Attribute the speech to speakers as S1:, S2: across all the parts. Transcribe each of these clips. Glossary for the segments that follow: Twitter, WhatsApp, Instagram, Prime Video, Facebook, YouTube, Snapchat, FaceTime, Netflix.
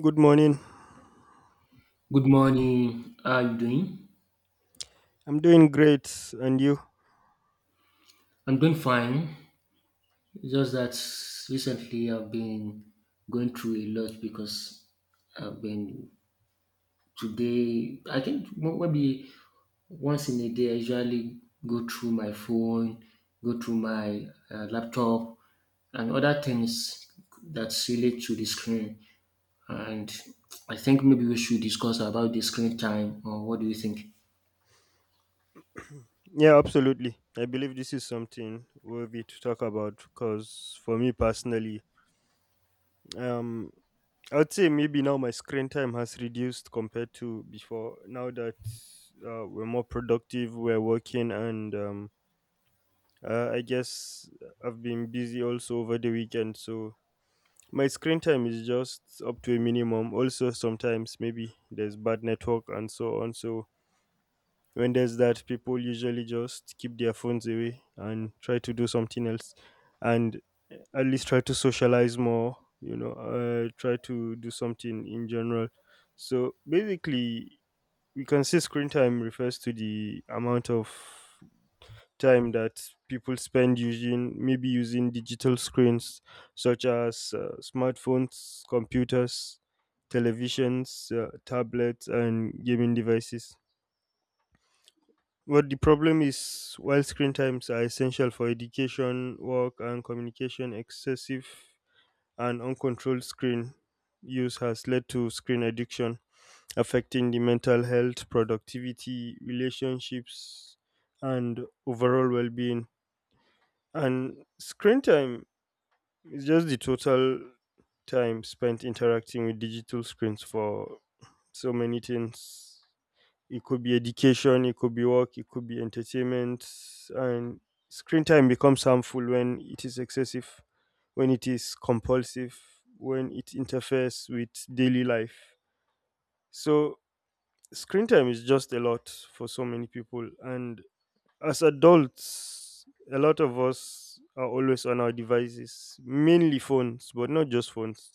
S1: Good morning.
S2: Good morning. How are you doing?
S1: I'm doing great. And you?
S2: I'm doing fine. It's just that recently I've been going through a lot because I've been today. I think maybe once in a day I usually go through my phone, go through my laptop, and other things that's relate to the screen. And I think maybe we should discuss about the screen time. Or what do you think?
S1: Yeah, absolutely. I believe this is something worthy to talk about because for me personally, um, I would say maybe now my screen time has reduced compared to before. Now that we're more productive, we're working, and I guess I've been busy also over the weekend. So my screen time is just up to a minimum. Also, sometimes maybe there's bad network and so on. So when there's that, people usually just keep their phones away and try to do something else, and at least try to socialize more. You know, try to do something in general. So basically, we can say screen time refers to the amount of time that people spend using maybe using digital screens such as smartphones, computers, televisions, tablets, and gaming devices. But the problem is, while screen times are essential for education, work, and communication, excessive and uncontrolled screen use has led to screen addiction, affecting the mental health, productivity, relationships, and overall well being. And screen time is just the total time spent interacting with digital screens for so many things. It could be education, it could be work, it could be entertainment. And screen time becomes harmful when it is excessive, when it is compulsive, when it interferes with daily life. So, screen time is just a lot for so many people. And as adults, a lot of us are always on our devices, mainly phones, but not just phones.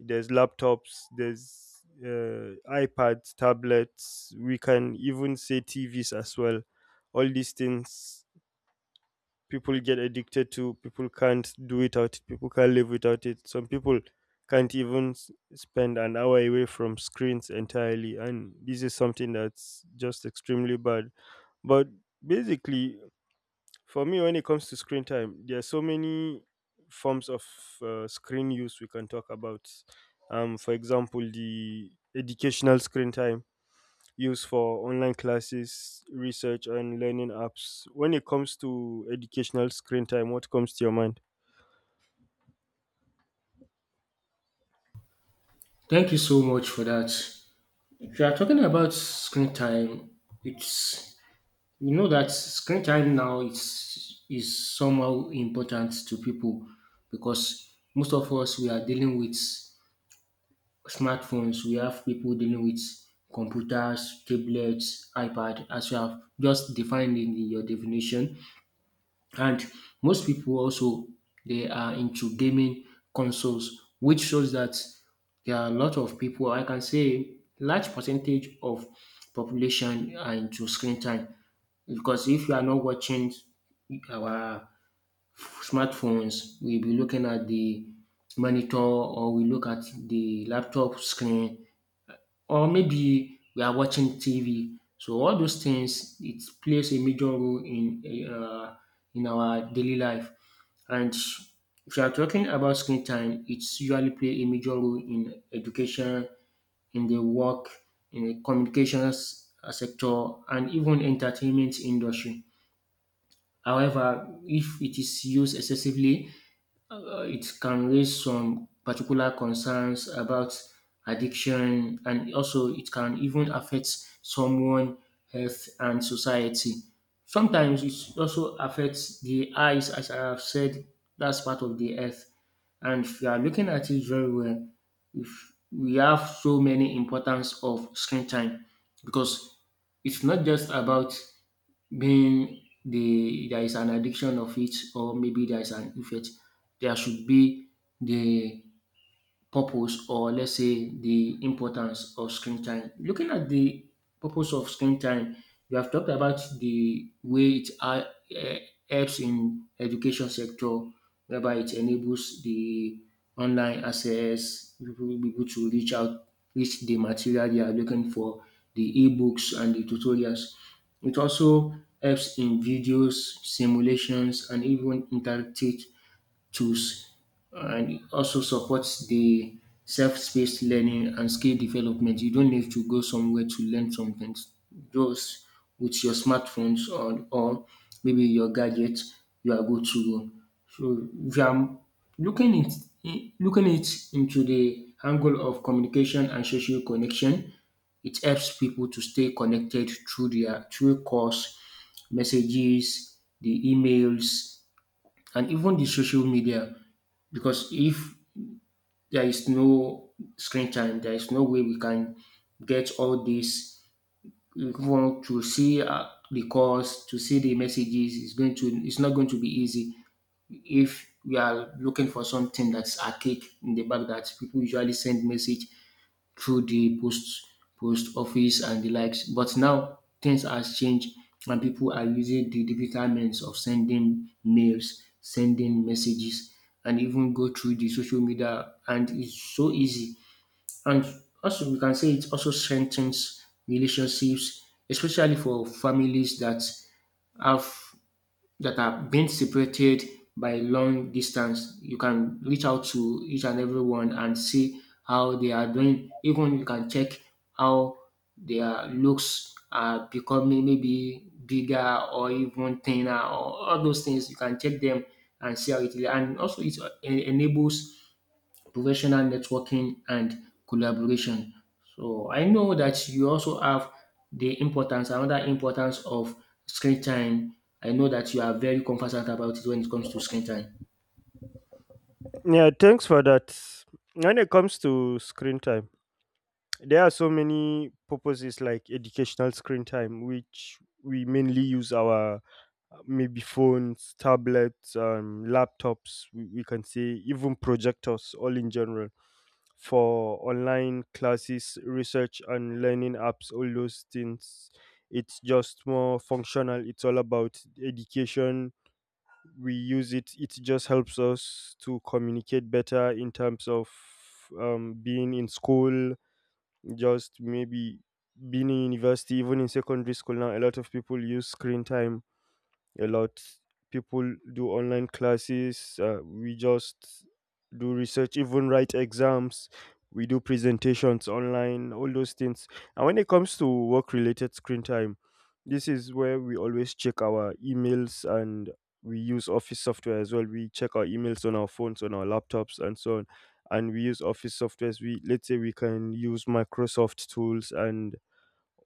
S1: There's laptops, there's iPads, tablets, we can even say TVs as well. All these things, people get addicted to, people can't do without it, people can't live without it. Some people can't even spend an hour away from screens entirely, and this is something that's just extremely bad. But basically, for me, when it comes to screen time, there are so many forms of screen use we can talk about. For example, the educational screen time used for online classes, research, and learning apps. When it comes to educational screen time, what comes to your mind?
S2: Thank you so much for that. If you are talking about screen time, it's you know that screen time now is somehow important to people because most of us we are dealing with smartphones. We have people dealing with computers, tablets, iPad, as you have just defined in your definition. And most people also they are into gaming consoles, which shows that there are a lot of people. I can say large percentage of population are into screen time because if you are not watching our smartphones, we'll be looking at the monitor or we look at the laptop screen or maybe we are watching TV. So all those things it plays a major role uh, in our daily life. And if you are talking about screen time, it's usually play a major role in education, in the work, in the communications sector, and even entertainment industry. However, if it is used excessively, it can raise some particular concerns about addiction, and also it can even affect someone health and society. Sometimes it also affects the eyes, as I have said. That's part of the earth. And if you are looking at it very well, if we have so many importance of screen time, because it's not just about being the there is an addiction of it, or maybe there is an effect, there should be the purpose, or let's say the importance of screen time. Looking at the purpose of screen time, we have talked about the way it helps in education sector, whereby it enables the online access, people will be able to reach out, reach the material they are looking for, the ebooks and the tutorials. It also helps in videos, simulations, and even interactive tools, and it also supports the self-paced learning and skill development. You don't need to go somewhere to learn something. Just with your smartphones, or maybe your gadget, you are good to go. So if I'm looking it looking it into the angle of communication and social connection, it helps people to stay connected through their through calls, messages, the emails, and even the social media, because if there is no screen time, there is no way we can get all this. If we want to see the calls, to see the messages, it's not going to be easy. If we are looking for something that's archaic in the back, that people usually send message through the post office and the likes. But now things has changed and people are using the digital means of sending mails, sending messages, and even go through the social media. And it's so easy. And also, we can say it also strengthens relationships, especially for families that have that are being separated by long distance. You can reach out to each and everyone and see how they are doing. Even you can check how their looks are becoming, maybe bigger or even thinner, or all those things. You can check them and see how it is. And also it enables professional networking and collaboration. So I know that you also have the importance, another importance of screen time. I know that you are very conversant about it when it comes to screen time.
S1: Yeah, thanks for that. When it comes to screen time, there are so many purposes like educational screen time, which we mainly use our maybe phones, tablets, laptops, we can say even projectors, all in general, for online classes, research, and learning apps, all those things. It's just more functional. It's all about education. We use it, it just helps us to communicate better in terms of being in school, just maybe being in university, even in secondary school now, a lot of people use screen time a lot. People do online classes. We just do research, even write exams. We do presentations online, all those things. And when it comes to work related screen time, this is where we always check our emails, and we use office software as well. We check our emails on our phones, on our laptops, and so on. And we use office softwares. We, let's say we can use Microsoft tools and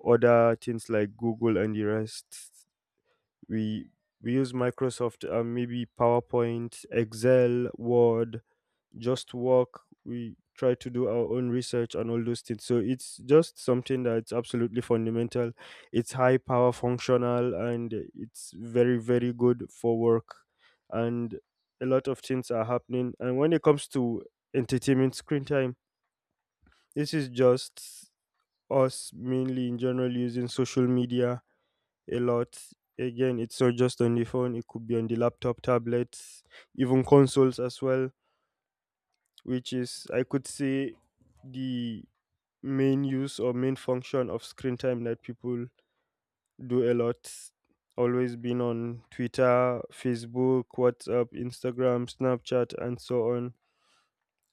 S1: other things like Google and the rest. We use Microsoft, maybe PowerPoint, Excel, Word. Just work, we try to do our own research and all those things. So it's just something that's absolutely fundamental. It's high power functional, and it's very, very good for work. And a lot of things are happening. And when it comes to entertainment screen time, this is just us mainly in general using social media a lot. Again, it's not just on the phone, it could be on the laptop, tablets, even consoles as well, which is, I could say, the main use or main function of screen time that people do a lot. Always been on Twitter, Facebook, WhatsApp, Instagram, Snapchat, and so on,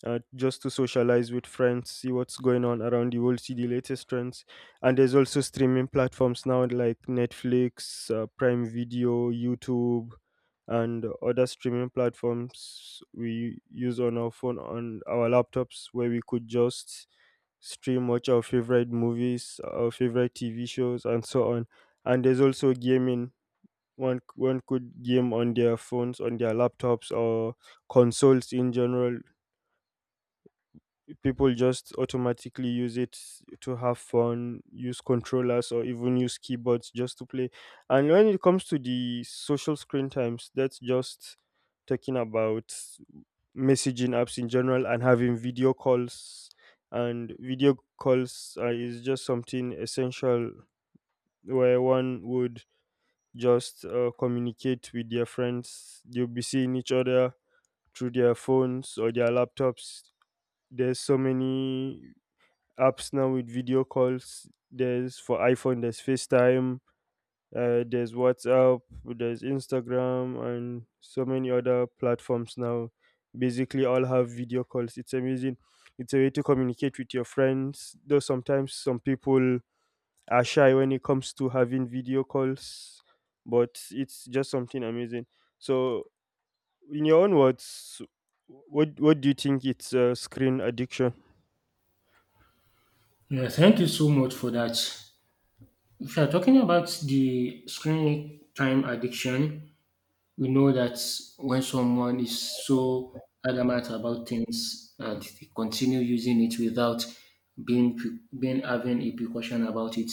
S1: just to socialize with friends, see what's going on around the world, see the latest trends. And there's also streaming platforms now like Netflix, Prime Video, YouTube, and other streaming platforms we use on our phone, on our laptops, where we could just stream, watch our favorite movies, our favorite TV shows, and so on. And there's also gaming. One could game on their phones, on their laptops, or consoles in general. People just automatically use it to have fun, use controllers or even use keyboards just to play. And when it comes to the social screen times, that's just talking about messaging apps in general and having video calls. And video calls is just something essential where one would just communicate with their friends. They'll be seeing each other through their phones or their laptops. There's so many apps now with video calls. There's for iPhone, there's FaceTime, there's WhatsApp, there's Instagram, and so many other platforms now. Basically, all have video calls. It's amazing. It's a way to communicate with your friends. Though sometimes some people are shy when it comes to having video calls, but it's just something amazing. So, in your own words, what do you think it's, screen addiction?
S2: Yeah, thank you so much for that. If you are talking about the screen time addiction, we know that when someone is so adamant about things and they continue using it without being having a precaution about it,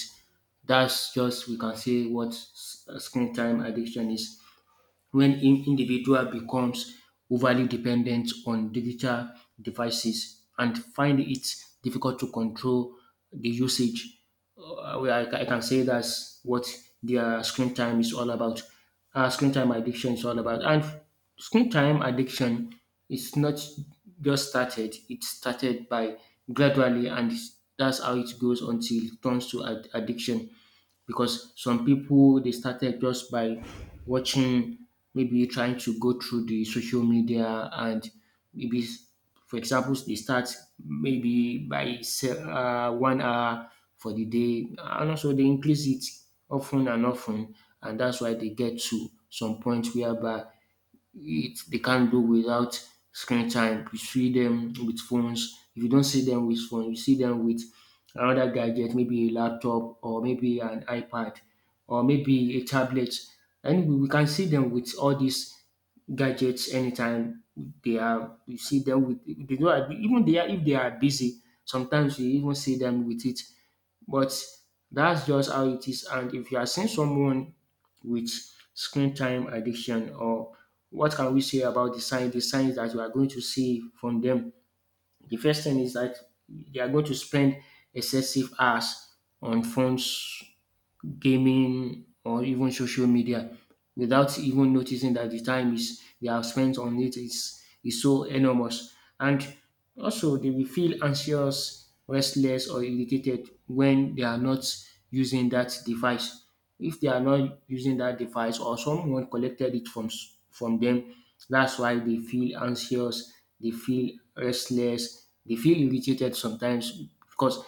S2: that's just, we can say what screen time addiction is, when individual becomes overly dependent on digital devices and find it difficult to control the usage. Well, I can say that's what their screen time is all about. Screen time addiction is all about. And screen time addiction is not just started, it started by gradually, and that's how it goes until it turns to addiction, because some people they started just by watching, maybe trying to go through the social media, and maybe for example they start maybe by 1 hour for the day, and also they increase it often and often, and that's why they get to some point whereby it they can't do without screen time. You see them with phones. If you don't see them with phone, you see them with another gadget, maybe a laptop or maybe an iPad or maybe a tablet. And we can see them with all these gadgets anytime they are. You see them with, they don't even, they are, if they are busy. Sometimes you even see them with it. But that's just how it is. And if you are seeing someone with screen time addiction, or what can we say about the sign, the signs that you are going to see from them? The first thing is that they are going to spend excessive hours on phones, gaming, or even social media, without even noticing that the time is they have spent on it is so enormous. And also they will feel anxious, restless, or irritated when they are not using that device. If they are not using that device or someone collected it from them, that's why they feel anxious, they feel restless, they feel irritated sometimes, because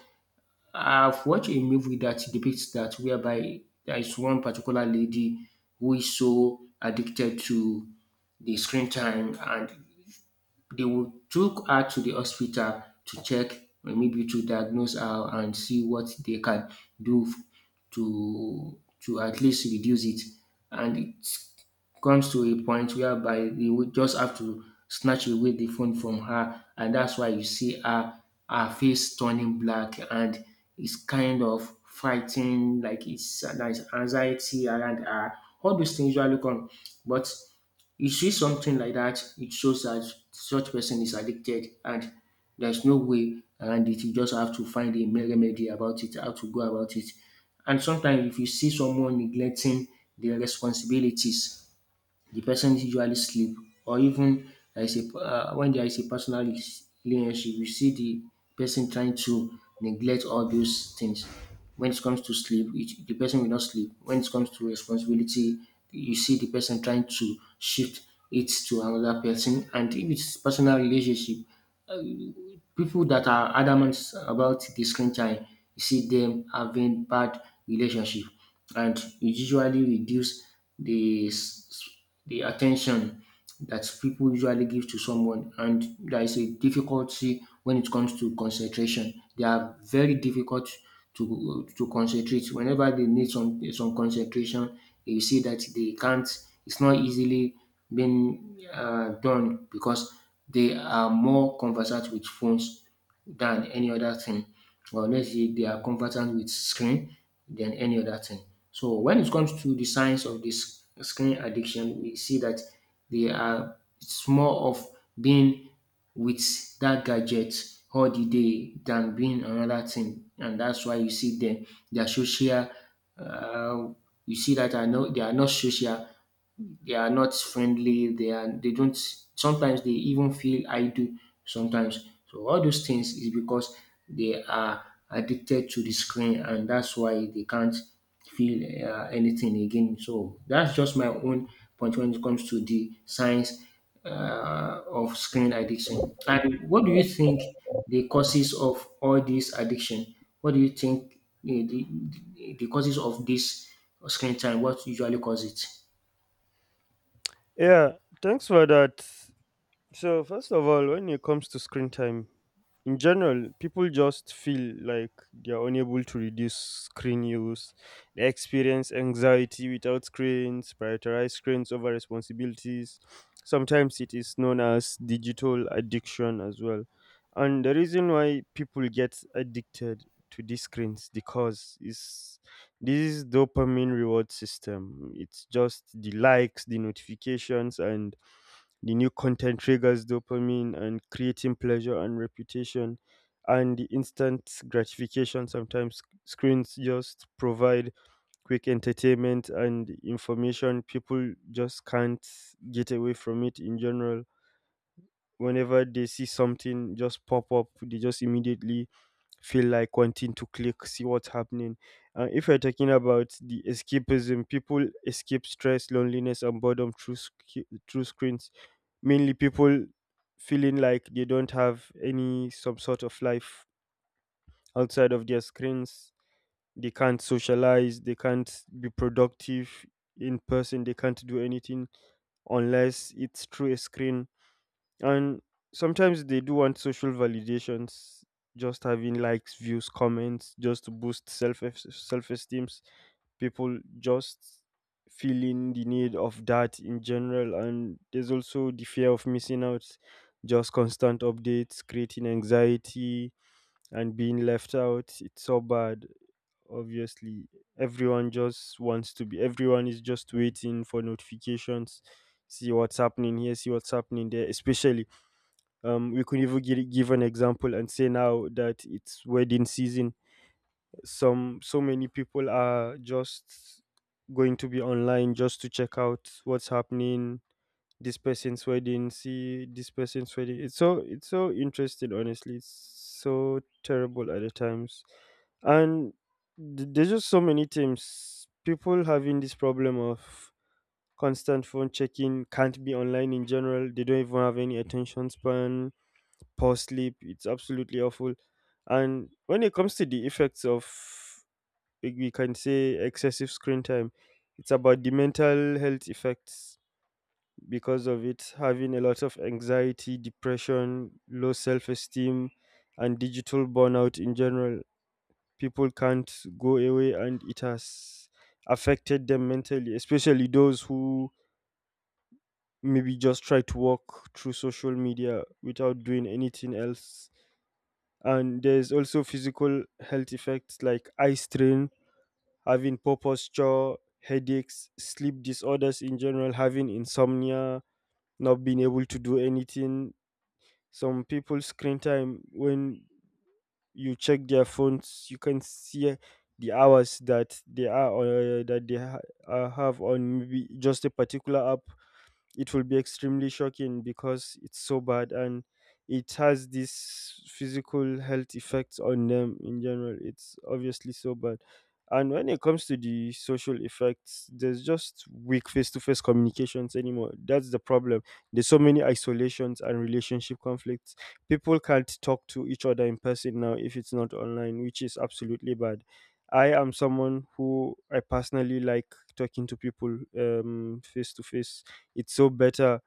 S2: I've watched a movie that depicts that, whereby there is one particular lady who is so addicted to the screen time, and they will took her to the hospital to check, or maybe to diagnose her and see what they can do to at least reduce it. And it comes to a point whereby they would just have to snatch away the phone from her, and that's why you see her face turning black, and it's kind of fighting, like it's there's anxiety around her. All those things usually come, but you see something like that, it shows that such person is addicted, and there's no way around it. You just have to find a remedy about it, how to go about it. And sometimes if you see someone neglecting their responsibilities, the person usually sleep, or even there is a when there is a personal relationship, you see the person trying to neglect all those things. When it comes to sleep, the person will not sleep. When it comes to responsibility, you see the person trying to shift it to another person. And if it's personal relationship, people that are adamant about the screen time, you see them having bad relationship, and it usually reduce the s- the attention that people usually give to someone, and there is a difficulty when it comes to concentration. They are very difficult to concentrate. Whenever they need some concentration, you see that they can't. It's not easily being done, because they are more conversant with phones than any other thing. Or let's say they are conversant with screen than any other thing. So when it comes to the signs of this screen addiction, we see that they are it's more of being with that gadget all the day than being another thing. And that's why you see them, they are social. Uh, you see that are not, social, they are not friendly, they are they don't, sometimes they even feel idle sometimes, so all those things is because they are addicted to the screen, and that's why they can't feel anything again. So that's just my own point when it comes to the science of screen addiction. And what do you think the causes of all this addiction? What do you think eh, the, the causes of this screen time, what usually cause it?
S1: Yeah, thanks for that. So first of all, when it comes to screen time, in general, people just feel like they're unable to reduce screen use. They experience anxiety without screens, prioritize screens over responsibilities. Sometimes it is known as digital addiction as well. And the reason why people get addicted to these screens because is this dopamine reward system. It's just the likes, the notifications, and the new content triggers dopamine and creating pleasure and reputation and the instant gratification. Sometimes screens just provide quick entertainment and information. People just can't get away from it in general. Whenever they see something just pop up, they just immediately feel like wanting to click, see what's happening. And if you're talking about the escapism, people escape stress, loneliness, and boredom through screens. Mainly people feeling like they don't have any some sort of life outside of their screens. They can't socialize, they can't be productive in person, they can't do anything unless it's through a screen, and sometimes they do want social validations, just having likes, views, comments, just to boost self esteems. People just feeling the need of that in general, and there's also the fear of missing out, just constant updates, creating anxiety and being left out. It's so bad. Obviously, everyone just wants to be. Everyone is just waiting for notifications, see what's happening here, see what's happening there, especially, we could even give an example and say now that it's wedding season, some, so many people are just going to be online just to check out what's happening. This person's wedding, see this person's wedding, it's so, it's so interesting honestly, it's so terrible at the times. And there's just so many teams, people having this problem of constant phone checking, can't be online in general, they don't even have any attention span, poor sleep. It's absolutely awful. And when it comes to the effects of, like we can say, excessive screen time, it's about the mental health effects because of it having a lot of anxiety, depression, low self esteem, and digital burnout in general. People can't go away, and it has affected them mentally, especially those who maybe just try to walk through social media without doing anything else. And there's also physical health effects like eye strain, having poor posture, headaches, sleep disorders in general, having insomnia, not being able to do anything. Some people screen time, when you check their phones, you can see the hours that they are, have on maybe just a particular app. It will be extremely shocking because it's so bad, and it has these physical health effects on them in general. It's obviously so bad. And when it comes to the social effects, there's just weak face to face communications anymore. That's the problem. There's so many isolations and relationship conflicts. People can't talk to each other in person now if it's not online, which is absolutely bad. I am someone who I personally like talking to people, face to face, it's so better.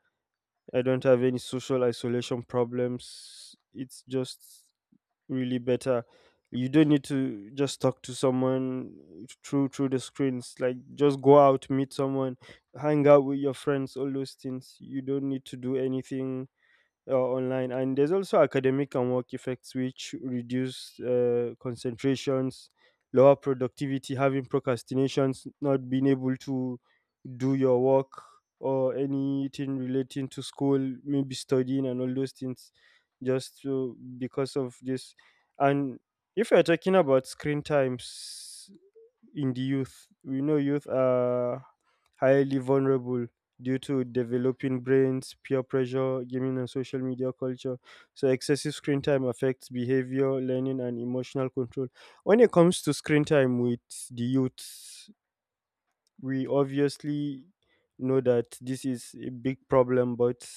S1: I don't have any social isolation problems. It's just really better. You don't need to just talk to someone through the screens. Like just go out, meet someone, hang out with your friends, all those things. You don't need to do anything online. And there's also academic and work effects which reduce concentrations, lower productivity, having procrastinations, not being able to do your work or anything relating to school, maybe studying and all those things, just because of this. And if you're talking about screen times in the youth, we know youth are highly vulnerable due to developing brains, peer pressure, gaming and social media culture. So excessive screen time affects behavior, learning, and emotional control. When it comes to screen time with the youth, we obviously know that this is a big problem. But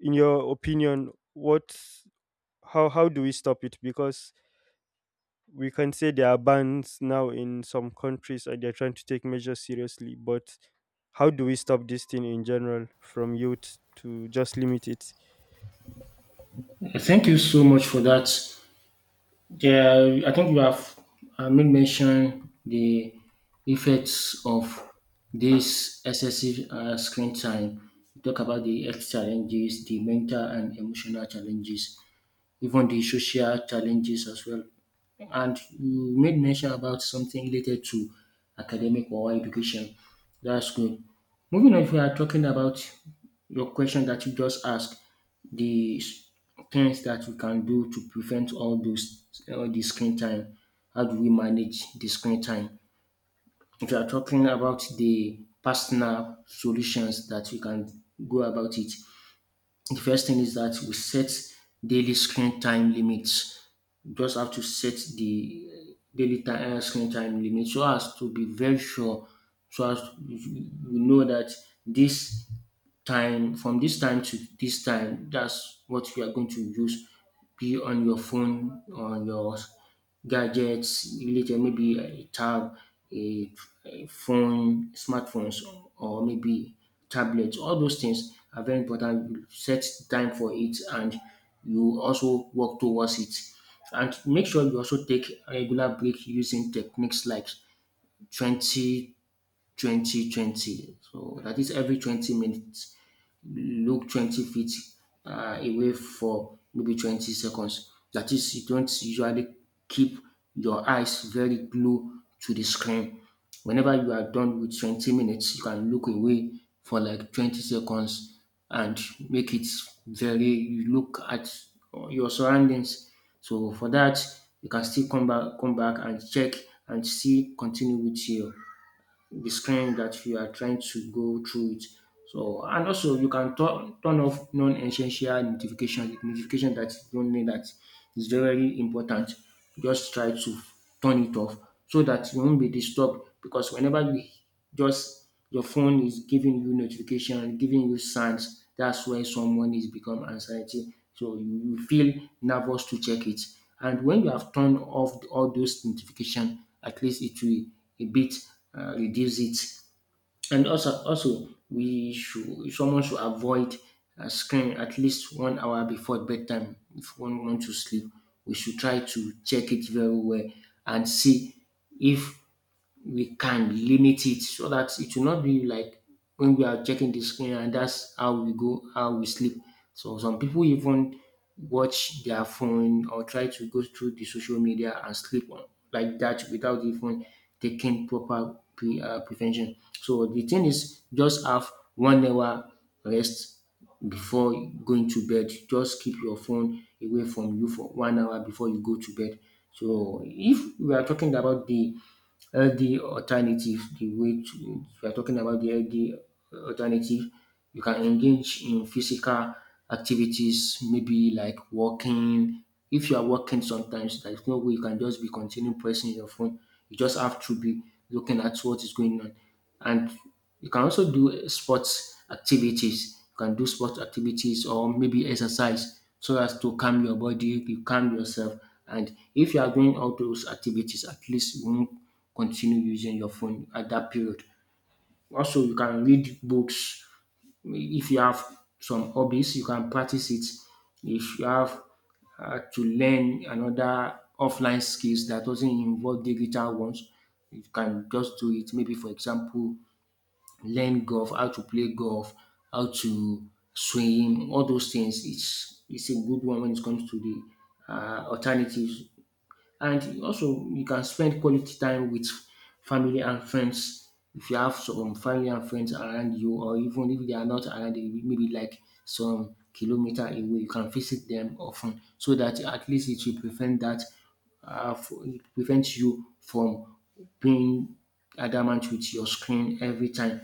S1: in your opinion, what how do we stop it? Because we can say there are bans now in some countries and they're trying to take measures seriously, but how do we stop this thing in general, from youth, to just limit it?
S2: Thank you so much for that. There, I think you have made mention the effects of this excessive screen time. You talk about the health challenges, the mental and emotional challenges, even the social challenges as well. And you made mention about something related to academic or education. That's good. Moving on, if we are talking about your question that you just asked, the things that we can do to prevent all the screen time. How do we manage the screen time? If you are talking about the personal solutions that we can go about it, the first thing is that we set daily screen time limits. You just have to set the daily time, screen time limit so as to be very sure, so as we know that this time, from this time to this time, that's what you are going to use, be on your phone, on your gadgets related, maybe a a, phone, smartphones, or maybe tablets. All those things are very important. You set time for it, and you also work towards it, and make sure you also take a regular break using techniques like 20, 20, 20. So that is every 20 minutes, look 20 feet away for maybe 20 seconds. That is, you don't usually keep your eyes very glued to the screen. Whenever you are done with 20 minutes, you can look away for like 20 seconds and make it very, you look at your surroundings. So for that, you can still come back and check and see, continue with your the screen that you are trying to go through it. So and also, you can turn off non-essential notification, notification that you don't need. That is very very important. Just try to turn it off so that you won't be disturbed, because whenever you, just your phone is giving you notification, giving you signs, that's where someone is become anxiety. So you feel nervous to check it. And when you have turned off all those notification, at least it will a bit reduce it. And also we should, someone should avoid screen at least 1 hour before bedtime. If one wants to sleep, we should try to check it very well and see if we can limit it, so that it will not be like when we are checking the screen and that's how we go, how we sleep. So some people even watch their phone or try to go through the social media and sleep on like that without even taking proper prevention. So the thing is just have 1 hour rest before going to bed. Just keep your phone away from you for 1 hour before you go to bed. So if we are talking about the Healthy alternative, the way to, if you are talking about the healthy alternative, you can engage in physical activities, maybe like walking. If you are walking sometimes, there's no way you can just be continuing pressing your phone. You just have to be looking at what is going on. And you can also do sports activities. Or maybe exercise so as to calm your body, you calm yourself. And if you are doing all those activities, at least you won't continue using your phone at that period. Also, you can read books. If you have some hobbies, you can practice it. If you have to learn another offline skills that doesn't involve digital ones, you can just do it. Maybe, for example, learn golf, how to play golf, how to swim, all those things. It's a good one when it comes to the alternatives. And also, you can spend quality time with family and friends. If you have some family and friends around you, or even if they are not around you, maybe like some kilometer away, you can visit them often, so that at least it will prevent that it prevents you from being adamant with your screen every time.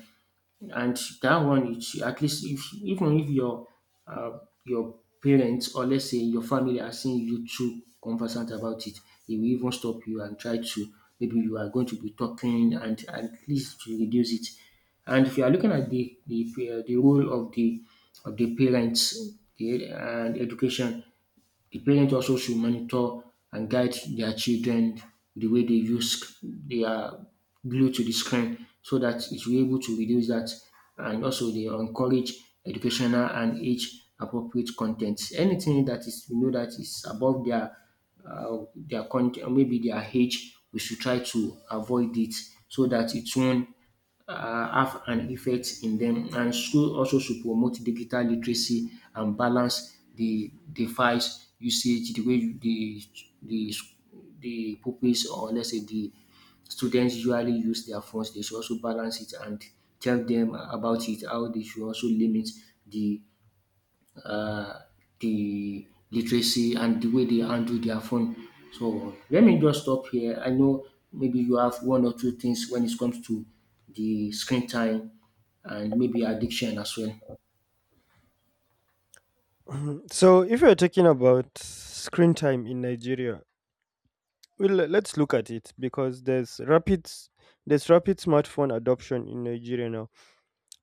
S2: And that one, you should at least, if even if your uh, your parents, or let's say your family, are seeing you too conversant about it, they will even stop you and try to, maybe you are going to be talking, and at least to reduce it. And if you are looking at the the role of the parents, the, and education, the parent also should monitor and guide their children the way they they are glued to the screen, so that it will be able to reduce that. And also they encourage educational and age appropriate content. Anything that is, we know that is above their content, maybe their age, we should try to avoid it so that it won't have an effect in them. And school also should promote digital literacy and balance the device usage, the way the the the pupils, or let's say the students, usually use their phones. They should also balance it and tell them about it, how they should also limit the uh, the literacy and the way they handle their phone. So let me just stop here. I know maybe you have one or two things when it comes to the screen time and maybe addiction as well.
S1: So if you're talking about screen time in Nigeria, well, let's look at it. Because there's there's rapid smartphone adoption in Nigeria now,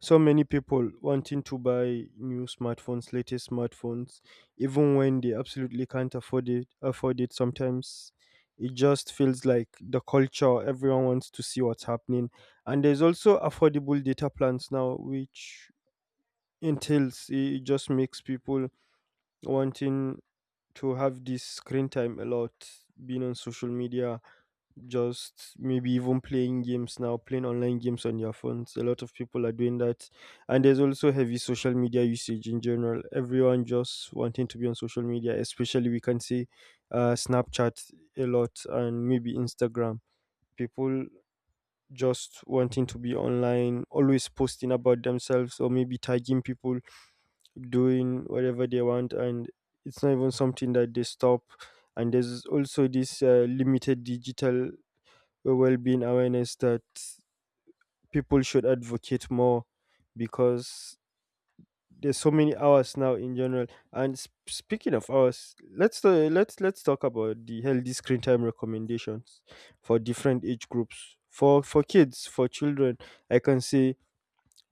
S1: so many people wanting to buy new smartphones, latest smartphones, even when they absolutely can't afford it. Afford it sometimes. It just feels like the culture. Everyone wants to see what's happening, and there's also affordable data plans now, which entails, it just makes people wanting to have this screen time a lot, being on social media, just maybe even playing games now, playing online games on their phones. A lot of people are doing that. And there's also heavy social media usage in general. Everyone just wanting to be on social media, especially we can see Snapchat a lot, and maybe Instagram. People just wanting to be online, always posting about themselves or maybe tagging people, doing whatever they want. And it's not even something that they stop. And there's also this limited digital well-being awareness that people should advocate more, because there's so many hours now in general. And speaking of hours, let's talk about the healthy screen time recommendations for different age groups. For kids, for children, I can say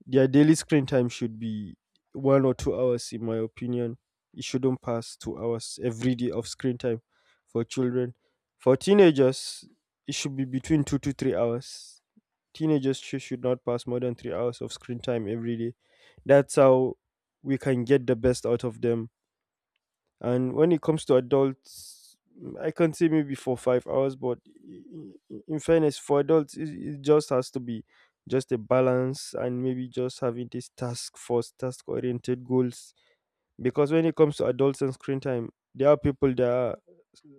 S1: their daily screen time should be 1 or 2 hours, in my opinion. It shouldn't pass 2 hours every day of screen time for children. For teenagers, it should be between 2 to 3 hours. Teenagers should not pass more than 3 hours of screen time every day. That's how we can get the best out of them. And when it comes to adults, mm, I can say maybe for 5 hours, but in fairness, for adults, it just has to be just a balance, and maybe just having this task force, task oriented goals. Because when it comes to adults and screen time, there are people that are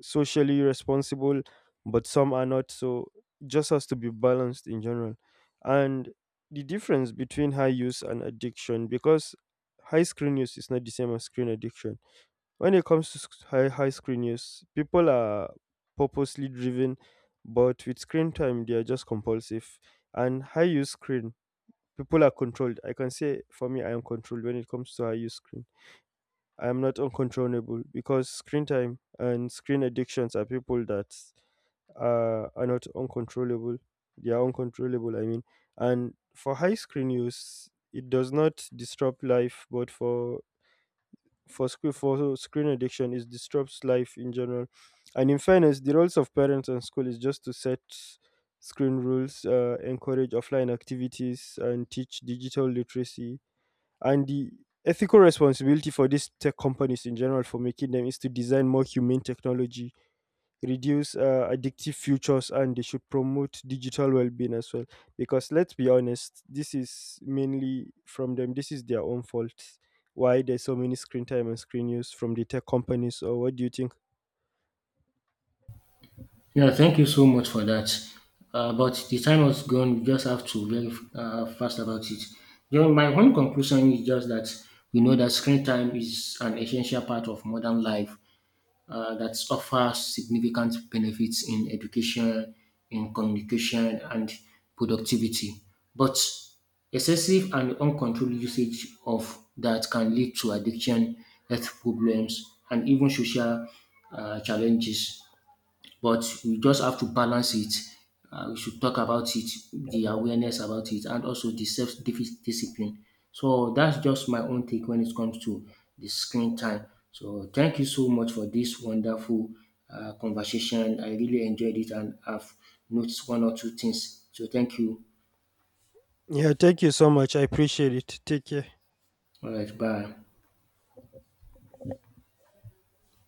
S1: socially responsible, but some are not. So it just has to be balanced in general. And the difference between high use and addiction, because high screen use is not the same as screen addiction. When it comes to high screen use, people are purposely driven, but with screen time, they are just compulsive. And high use screen, people are controlled. I can say for me, I am controlled when it comes to high use screen. I am not uncontrollable, because screen time and screen addictions are people that are not uncontrollable. They are uncontrollable, I mean. And for high screen use, it does not disrupt life, but for screen addiction, it disrupts life in general. And in fairness, the roles of parents and school is just to set screen rules, encourage offline activities, and teach digital literacy. And the ethical responsibility for these tech companies in general, for making them, is to design more humane technology, reduce addictive futures, and they should promote digital well being as well. Because let's be honest, this is mainly from them, this is their own fault. Why there's so many screen time and screen use from the tech companies? Or what do you think?
S2: Yeah, thank you so much for that. But the time was gone. We just have to very fast about it. You know, my own conclusion is just that we know that screen time is an essential part of modern life, that offers significant benefits in education, in communication, and productivity. But excessive and uncontrolled usage of that can lead to addiction, health problems, and even social challenges, but we just have to balance it. We should talk about it, the awareness about it, and also the self discipline. So that's just my own take when it comes to the screen time. So thank you so much for this wonderful conversation. I really enjoyed it and I've noticed one or two things. So thank you.
S1: Yeah, thank you so much. I appreciate it. Take care.
S2: All right, bye.